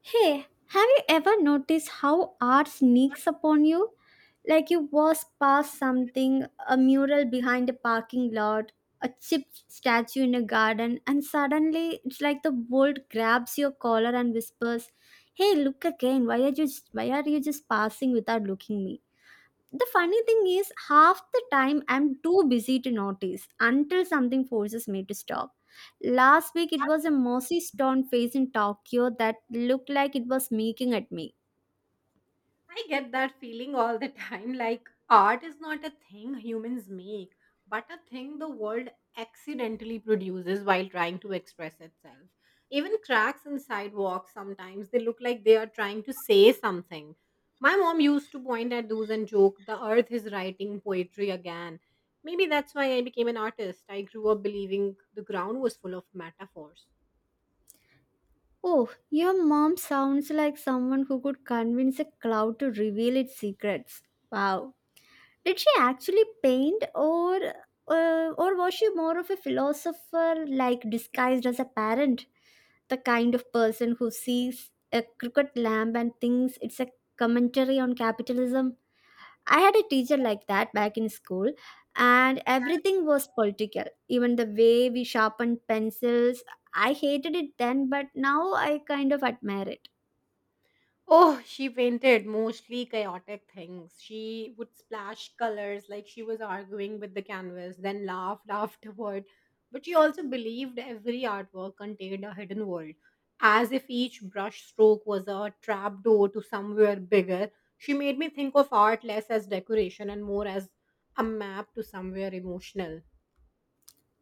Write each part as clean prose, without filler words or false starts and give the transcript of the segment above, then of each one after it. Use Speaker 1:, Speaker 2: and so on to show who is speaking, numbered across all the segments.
Speaker 1: Hey, have you ever noticed how art sneaks upon you? Like you was past something, a mural behind a parking lot, a chipped statue in a garden, and suddenly it's like the world grabs your collar and whispers, "Hey, look again! Why are you just passing without looking me?" The funny thing is, half the time I'm too busy to notice until something forces me to stop. Last week, it was a mossy stone face in Tokyo that looked like it was making at me.
Speaker 2: I get that feeling all the time like art is not a thing humans make, but a thing the world accidentally produces while trying to express itself. Even cracks in sidewalks sometimes they look like they are trying to say something. My mom used to point at those and joke, the earth is writing poetry again. Maybe that's why I became an artist. I grew up believing the ground was full of metaphors.
Speaker 1: Oh, your mom sounds like someone who could convince a cloud to reveal its secrets. Wow. Did she actually paint, or or was she more of a philosopher, like disguised as a parent, the kind of person who sees a cricket lamp and thinks it's a commentary on capitalism? I had a teacher like that back in school, and everything was political. Even the way we sharpened pencils, I hated it then, but now I kind of admire it.
Speaker 2: Oh, she painted mostly chaotic things. She would splash colors like she was arguing with the canvas, then laughed afterward. But she also believed every artwork contained a hidden world, as if each brush stroke was a trapdoor to somewhere bigger. She made me think of art less as decoration and more as a map to somewhere emotional.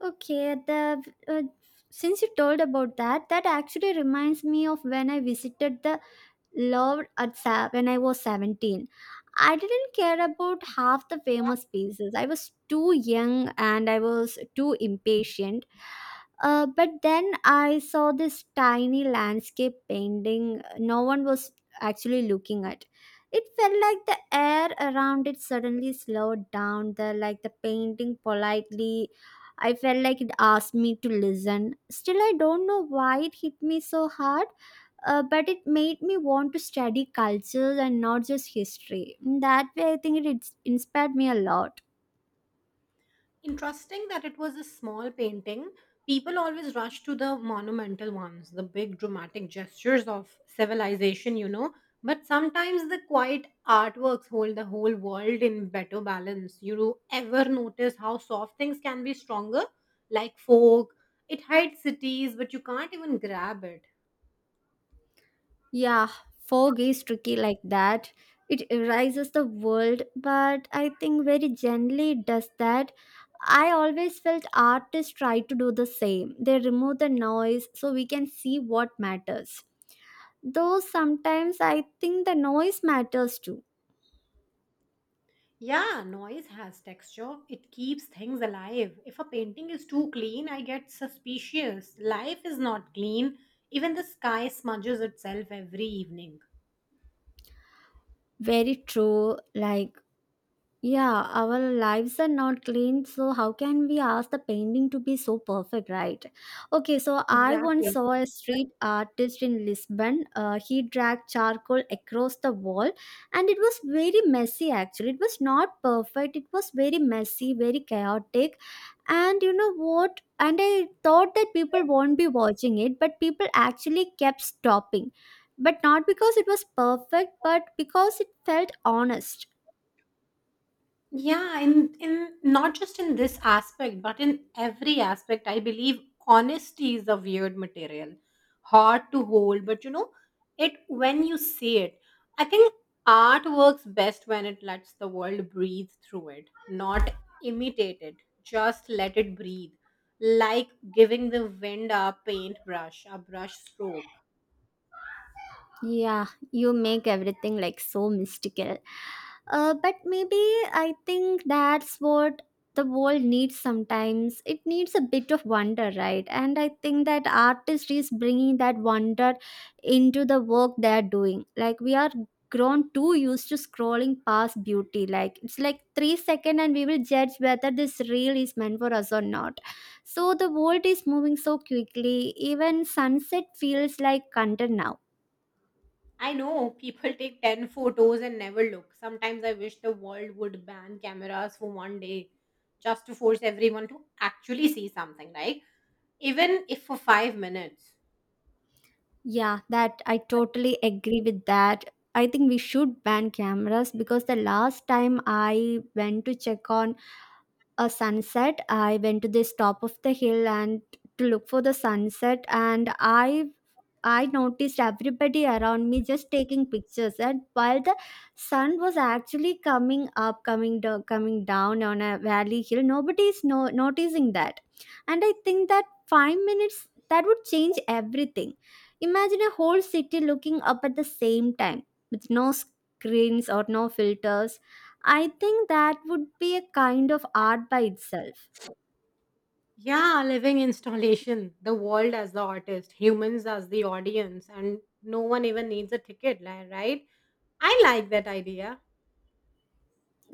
Speaker 1: Okay, the since you told about that, that actually reminds me of when I visited the when I was 17. I didn't care about half the famous pieces. I was too young and I was too impatient. But then I saw this tiny landscape painting no one was actually looking at. It felt like the air around it suddenly slowed down, like the painting politely. I felt like it asked me to listen. Still, I don't know why it hit me so hard, but it made me want to study cultures and not just history. In that way, I think it's inspired me a lot.
Speaker 2: Interesting that it was a small painting. People always rush to the monumental ones, the big dramatic gestures of civilization. But sometimes the quiet artworks hold the whole world in better balance. You ever notice how soft things can be stronger? Like folk, it hides cities, but you can't even grab it.
Speaker 1: Yeah, fog is tricky like that. It erases the world, but I think very gently it does that. I always felt artists try to do the same. They remove the noise so we can see what matters. Though sometimes I think the noise matters too.
Speaker 2: Yeah, noise has texture. It keeps things alive. If a painting is too clean, I get suspicious. Life is not clean. Even the sky smudges itself every evening.
Speaker 1: Very true. Like, yeah, our lives are not clean, so how can we ask the painting to be so perfect, right? Okay, so I once
Speaker 2: Exactly.
Speaker 1: saw a street artist in Lisbon. He dragged charcoal across the wall, and it was very messy actually. It was not perfect, it was very messy, very chaotic. And you know what? And I thought that people won't be watching it, but people actually kept stopping. But not because it was perfect, but because it felt honest.
Speaker 2: Yeah, in not just in this aspect, but in every aspect, I believe honesty is a weird material, hard to hold, but it when you see it, I think art works best when it lets the world breathe through it, not imitate it, just let it breathe. Like giving the wind a paintbrush, a brush stroke.
Speaker 1: Yeah, you make everything like so mystical. But maybe I think that's what the world needs sometimes. It needs a bit of wonder, right? And I think that artist is bringing that wonder into the work they're doing. Like we are grown too used to scrolling past beauty. Like it's like three second, and we will judge whether this reel is meant for us or not. So the world is moving so quickly. Even sunset feels like content now.
Speaker 2: I know people take 10 photos and never look. Sometimes I wish the world would ban cameras for one day just to force everyone to actually see something, like even if for 5 minutes.
Speaker 1: Yeah, that I totally agree with that. I think we should ban cameras because the last time I went to check on a sunset, I went to this top of the hill and to look for the sunset and I noticed everybody around me just taking pictures, and while the sun was actually coming up, coming down on a valley hill, nobody is noticing that. And I think that 5 minutes that would change everything. Imagine a whole city looking up at the same time with no screens or no filters. I think that would be a kind of art by itself.
Speaker 2: Yeah, living installation, the world as the artist, humans as the audience, and no one even needs a ticket, right? I like that idea.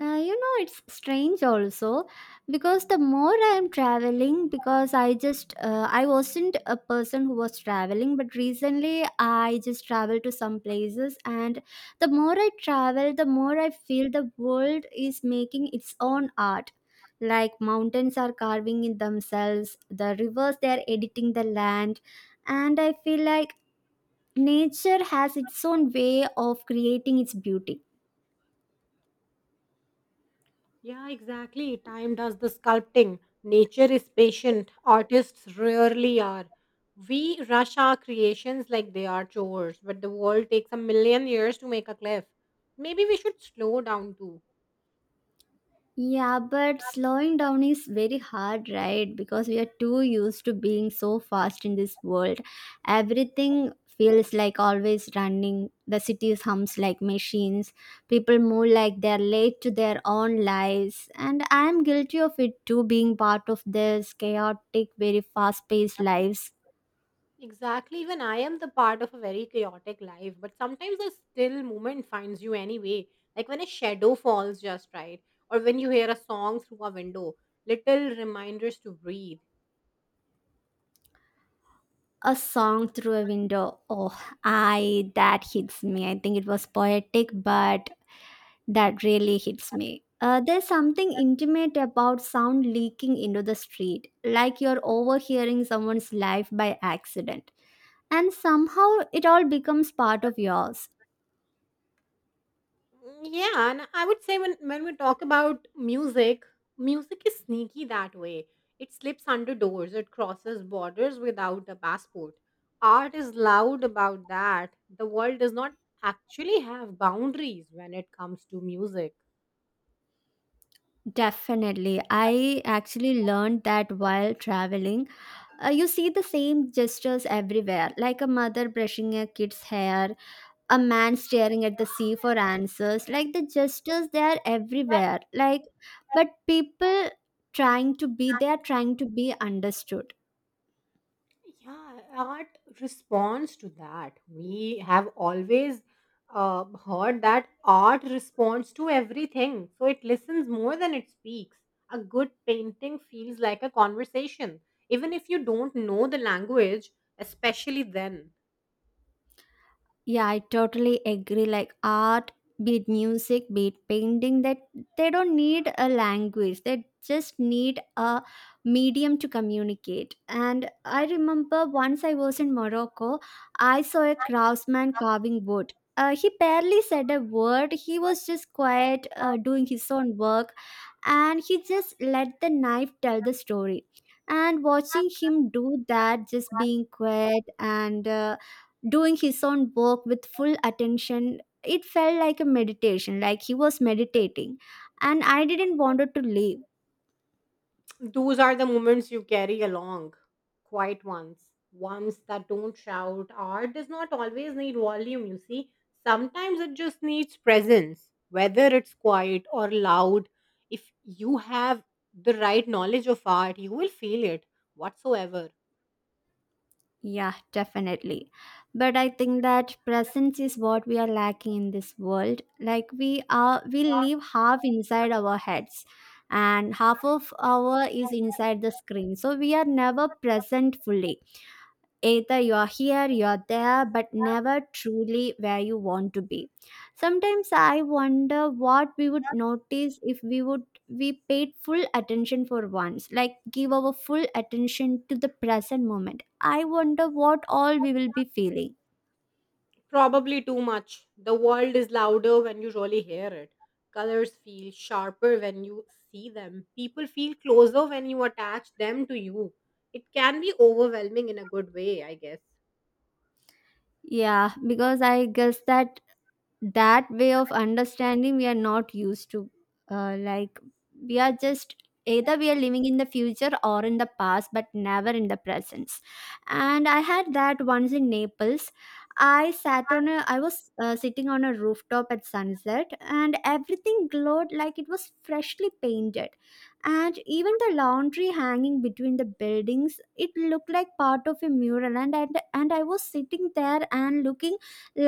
Speaker 1: You know, it's strange also because the more I am traveling, because I wasn't a person who was traveling, but recently I just traveled to some places. And the more I travel, the more I feel the world is making its own art. Like mountains are carving in themselves, the rivers, they are editing the land. And I feel like nature has its own way of creating its beauty.
Speaker 2: Yeah, exactly. Time does the sculpting. Nature is patient. Artists rarely are. We rush our creations like they are chores, but the world takes a million years to make a cliff. Maybe we should slow down too.
Speaker 1: Yeah, but slowing down is very hard, right? Because we are too used to being so fast in this world. Everything feels like always running. The cities hums like machines. People move like they're late to their own lives. And I am guilty of it too, being part of this chaotic, very fast paced lives.
Speaker 2: Exactly. Even I am the part of a very chaotic life, but sometimes a still moment finds you anyway. Like when a shadow falls just right, or when you hear a song through a window. Little reminders to breathe.
Speaker 1: A song through a window. Oh, I that hits me. I think it was poetic, but that really hits me. There's something intimate about sound leaking into the street, like you're overhearing someone's life by accident. And somehow it all becomes part of yours.
Speaker 2: Mm, yeah, and I would say when we talk about music, music is sneaky that way. It slips under doors, it crosses borders without a passport. Art is loud about that. The world does not actually have boundaries when it comes to music.
Speaker 1: Definitely. I actually learned that while traveling. You see the same gestures everywhere, like a mother brushing a kid's hair, a man staring at the sea for answers, like the gestures they are everywhere, like but people trying to be they are trying to be understood.
Speaker 2: Yeah, art responds to that. We have always heard that art responds to everything. So it listens more than it speaks. A good painting feels like a conversation, even if you don't know the language, especially then.
Speaker 1: Yeah, I totally agree. Like art, be it music, be it painting, that they don't need a language. They just need a medium to communicate. And I remember once I was in Morocco, I saw a craftsman carving wood. He barely said a word. He was just quiet, doing his own work and he just let the knife tell the story, and watching him do that, just being quiet and doing his own work with full attention, it felt like a meditation, like he was meditating, and I didn't want to leave.
Speaker 2: Those are the moments you carry along, quiet ones, ones that don't shout. Art does not always need volume, you see. Sometimes it just needs presence, whether it's quiet or loud. If you have the right knowledge of art, you will feel it whatsoever.
Speaker 1: Yeah, definitely. But I think that presence is what we are lacking in this world. Like we live half inside our heads and half of our is inside the screen. So we are never present fully. Either you're here, you're there, but never truly where you want to be. Sometimes I wonder what we would notice if we paid full attention for once, like give our full attention to the present moment. I wonder what all we will be feeling.
Speaker 2: Probably too much. The world is louder when you really hear it. Colors feel sharper when you see them. People feel closer when you attach them to you. It can be overwhelming in a good way, I guess.
Speaker 1: Yeah, because I guess that way of understanding we are not used to, like we are just, either we are living in the future or in the past but never in the presence. And I had that once in Naples. I was sitting on a rooftop at sunset and everything glowed like it was freshly painted, and even the laundry hanging between the buildings, it looked like part of a mural. And I was sitting there and looking,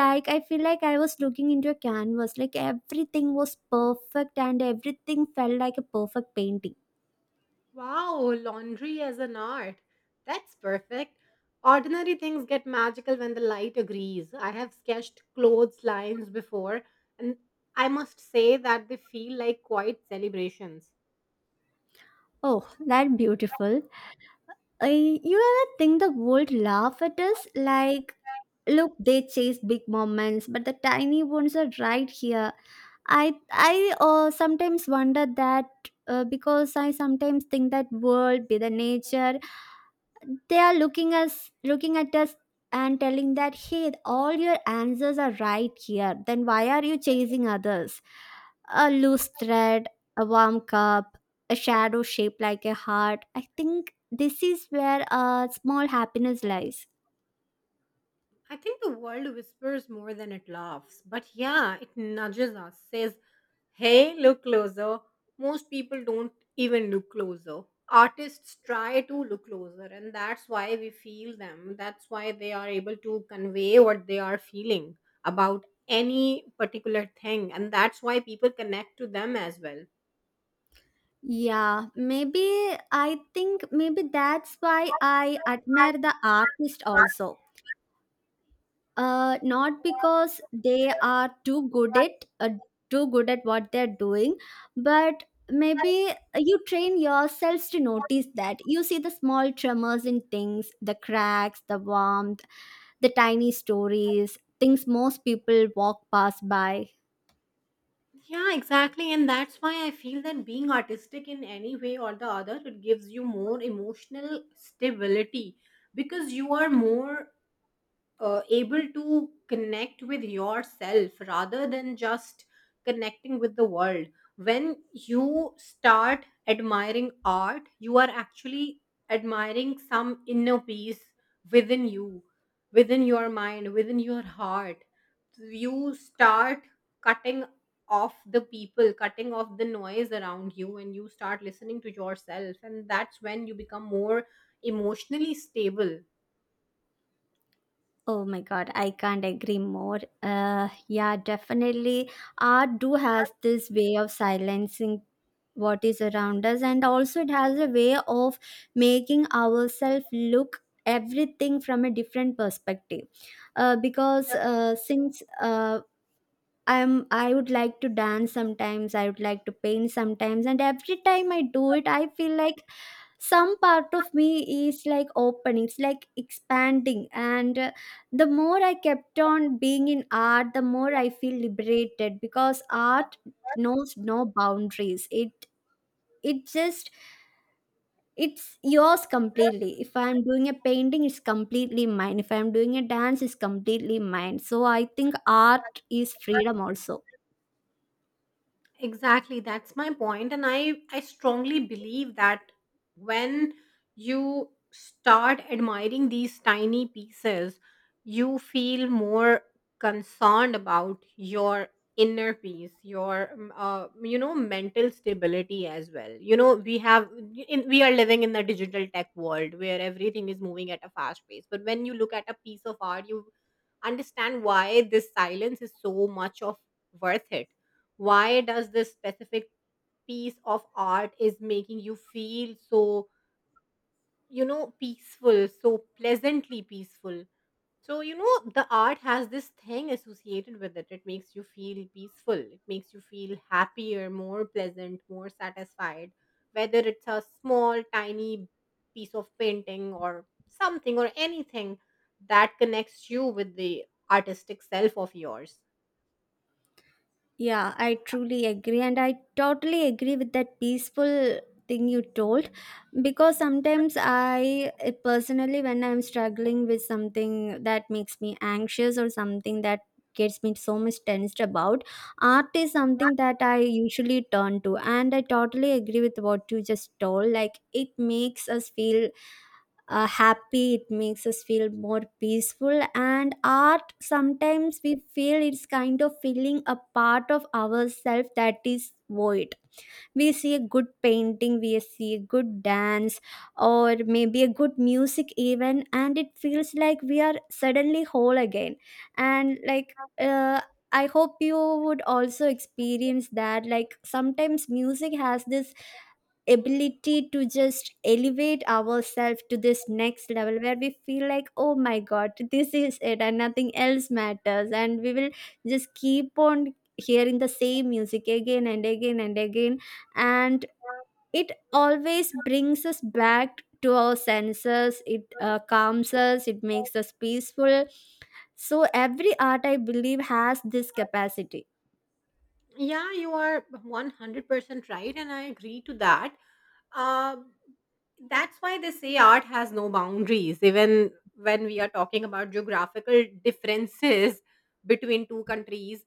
Speaker 1: like I feel like I was looking into a canvas, like everything was perfect and everything felt like a perfect painting.
Speaker 2: Wow, laundry as an art. That's perfect. Ordinary things get magical when the light agrees. I have sketched clothes lines before, and I must say that they feel like quiet celebrations.
Speaker 1: Oh, that beautiful. I, you ever think the world laugh at us, like look they chase big moments but the tiny ones are right here. I Sometimes wonder that, because I sometimes think that world be the nature, they are looking at us and telling that hey all your answers are right here then why are you chasing others. A loose thread, a warm cup, a shadow shaped like a heart, I think this is where a small happiness lies.
Speaker 2: I think the world whispers more than it laughs, but yeah, it nudges us, says, hey, look closer. Most people don't even look closer. Artists try to look closer, and that's why we feel them. That's why they are able to convey what they are feeling about any particular thing, and that's why people connect to them as well.
Speaker 1: Yeah, maybe. I think maybe that's why I admire the artist also. Not because they are too good at what they're doing, but maybe you train yourselves to notice that, you see the small tremors in things, the cracks, the warmth, the tiny stories, things most people walk past by.
Speaker 2: Yeah, exactly. And that's why I feel that being artistic in any way or the other, it gives you more emotional stability because you are more able to connect with yourself rather than just connecting with the world. When you start admiring art, you are actually admiring some inner peace within you, within your mind, within your heart. You start cutting off the people, cutting off the noise around you, and you start listening to yourself. And that's when you become more emotionally stable.
Speaker 1: Oh my god, I can't agree more. Yeah, definitely, art do has this way of silencing what is around us, and also it has a way of making ourselves look everything from a different perspective. Because since I'm, I would like to dance sometimes, I would like to paint sometimes, and every time I do it I feel like some part of me is like open, it's like expanding, and the more I kept on being in art the more I feel liberated, because art knows no boundaries it just it's yours completely. If I'm doing a painting it's completely mine, if I'm doing a dance it's completely mine, so I think art is freedom also.
Speaker 2: Exactly, that's my point, and I strongly believe that when you start admiring these tiny pieces, you feel more concerned about your inner peace, your mental stability as well. You know, we are living in the digital tech world where everything is moving at a fast pace, but when you look at a piece of art, you understand why this silence is so much of worth it. Why does this specific piece of art is making you feel so peaceful, so pleasantly peaceful? So, the art has this thing associated with it. It makes you feel peaceful. It makes you feel happier, more pleasant, more satisfied, whether it's a small tiny piece of painting or something, or anything that connects you with the artistic self of yours.
Speaker 1: Yeah, I truly agree. And I totally agree with that peaceful thing you told, because sometimes I personally, when I'm struggling with something that makes me anxious or something that gets me so much tensed about, art is something that I usually turn to. And I totally agree with what you just told. Like, it makes us feel happy, it makes us feel more peaceful, and art sometimes we feel it's kind of feeling a part of ourselves that is void. We see a good painting, we see a good dance, or maybe a good music even, and it feels like we are suddenly whole again. And like, I hope you would also experience that, like sometimes music has this ability to just elevate ourselves to this next level where we feel like oh my god this is it and nothing else matters and we will just keep on hearing the same music again and again and again. And it always brings us back to our senses, it calms us, it makes us peaceful. So every art I believe has this capacity.
Speaker 2: Yeah, you are 100% right, and I agree to that. Uh, that's why they say art has no boundaries, even when we are talking about geographical differences between two countries.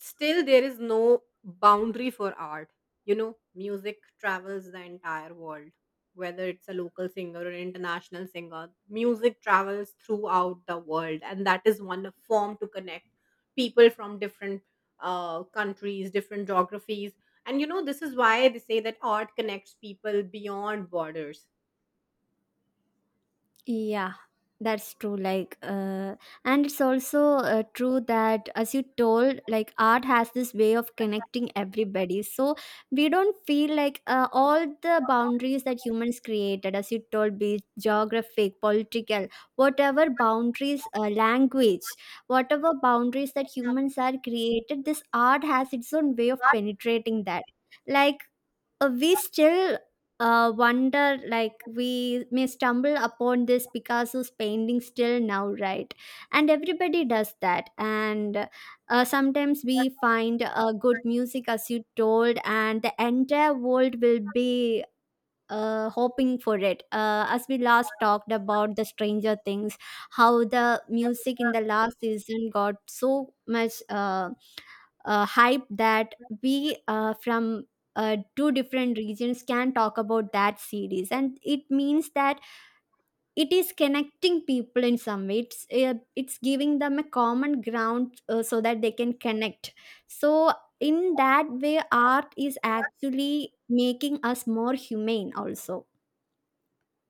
Speaker 2: Still, there is no boundary for art. You know music travels the entire world, whether it's a local singer or an international singer. Music travels throughout the world, and that is one form to connect people from different countries, different geographies. And this is why they say that art connects people beyond borders.
Speaker 1: Yeah, that's true. Like, and it's also true that, as you told, like art has this way of connecting everybody. So we don't feel like all the boundaries that humans created, as you told, be it geographic, political, whatever boundaries, language, whatever boundaries that humans are created, this art has its own way of penetrating that. Like, we still wonder, like we may stumble upon this Picasso's painting still now, right? And everybody does that. And sometimes we find good music, as you told, and the entire world will be hoping for it. As we last talked about the Stranger Things, how the music in the last season got so much hype that we from two different regions can talk about that series, and it means that it is connecting people in some way. It's giving them a common ground so that they can connect. So in that way, art is actually making us more humane also.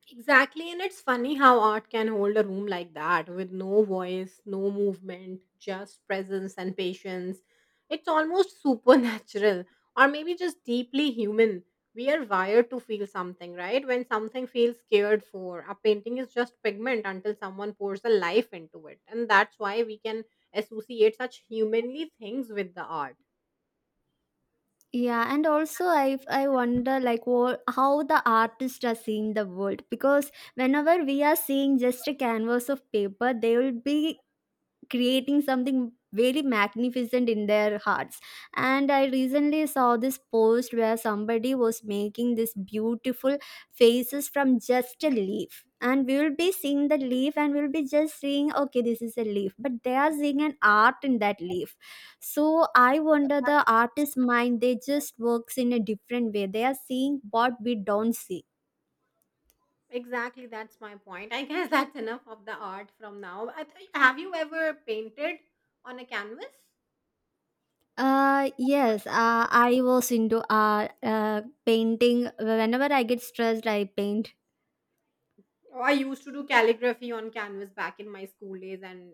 Speaker 2: Exactly, and it's funny how art can hold a room like that with no voice, no movement, just presence and patience. It's almost supernatural, or maybe just deeply human. We are wired to feel something, right? When something feels cared for, a painting is just pigment until someone pours a life into it. And that's why we can associate such humanly things with the art.
Speaker 1: Yeah, and also I wonder like what, how the artists are seeing the world, because whenever we are seeing just a canvas of paper, they will be creating something very magnificent in their hearts. And I recently saw this post where somebody was making this beautiful faces from just a leaf, and we will be seeing the leaf and we'll be just seeing okay this is a leaf, but they are seeing an art in that leaf. So I wonder the artist's mind, they just works in a different way, they are seeing what we don't see.
Speaker 2: Exactly, that's my point. I guess that's enough of the art from now. Have you ever painted on a canvas?
Speaker 1: Yes, I was into painting. Whenever I get stressed, I paint.
Speaker 2: Oh, I used to do calligraphy on canvas back in my school days, and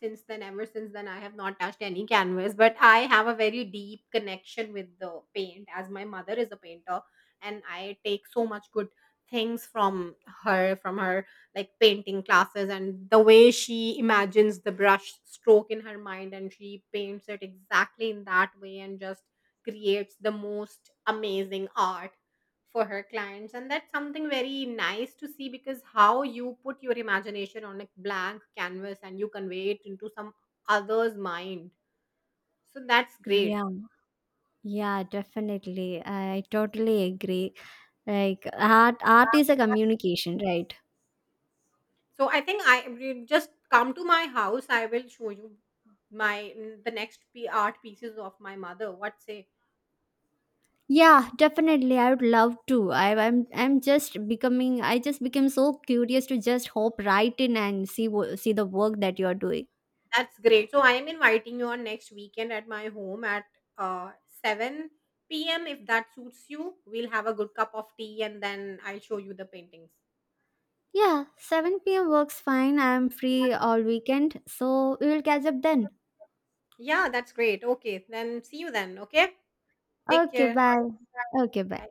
Speaker 2: since then, ever since then, I have not touched any canvas. But I have a very deep connection with the paint, as my mother is a painter, and I take so much good things from her, like painting classes, and the way she imagines the brush stroke in her mind, and she paints it exactly in that way, and just creates the most amazing art for her clients. And that's something very nice to see, because how you put your imagination on a blank canvas and you convey it into some other's mind. So that's great.
Speaker 1: Yeah, yeah, definitely. I totally agree. Like art is a communication, right?
Speaker 2: So I think I we just come to my house. I will show you my the next art pieces of my mother, what say?
Speaker 1: Yeah, definitely. I would love to. I, I'm just becoming. I just became so curious to just hop right in and see the work that you're doing.
Speaker 2: That's great, so I am inviting you on next weekend at my home at uh 7 p.m., if that suits you. We'll have a good cup of tea, and then I'll show you the paintings.
Speaker 1: Yeah, 7 p.m. works fine. I'm free all weekend, so we will catch up then.
Speaker 2: Yeah, that's great. Okay, then see you then. Okay, take
Speaker 1: Okay,
Speaker 2: care.
Speaker 1: bye. Okay, bye.
Speaker 2: Bye.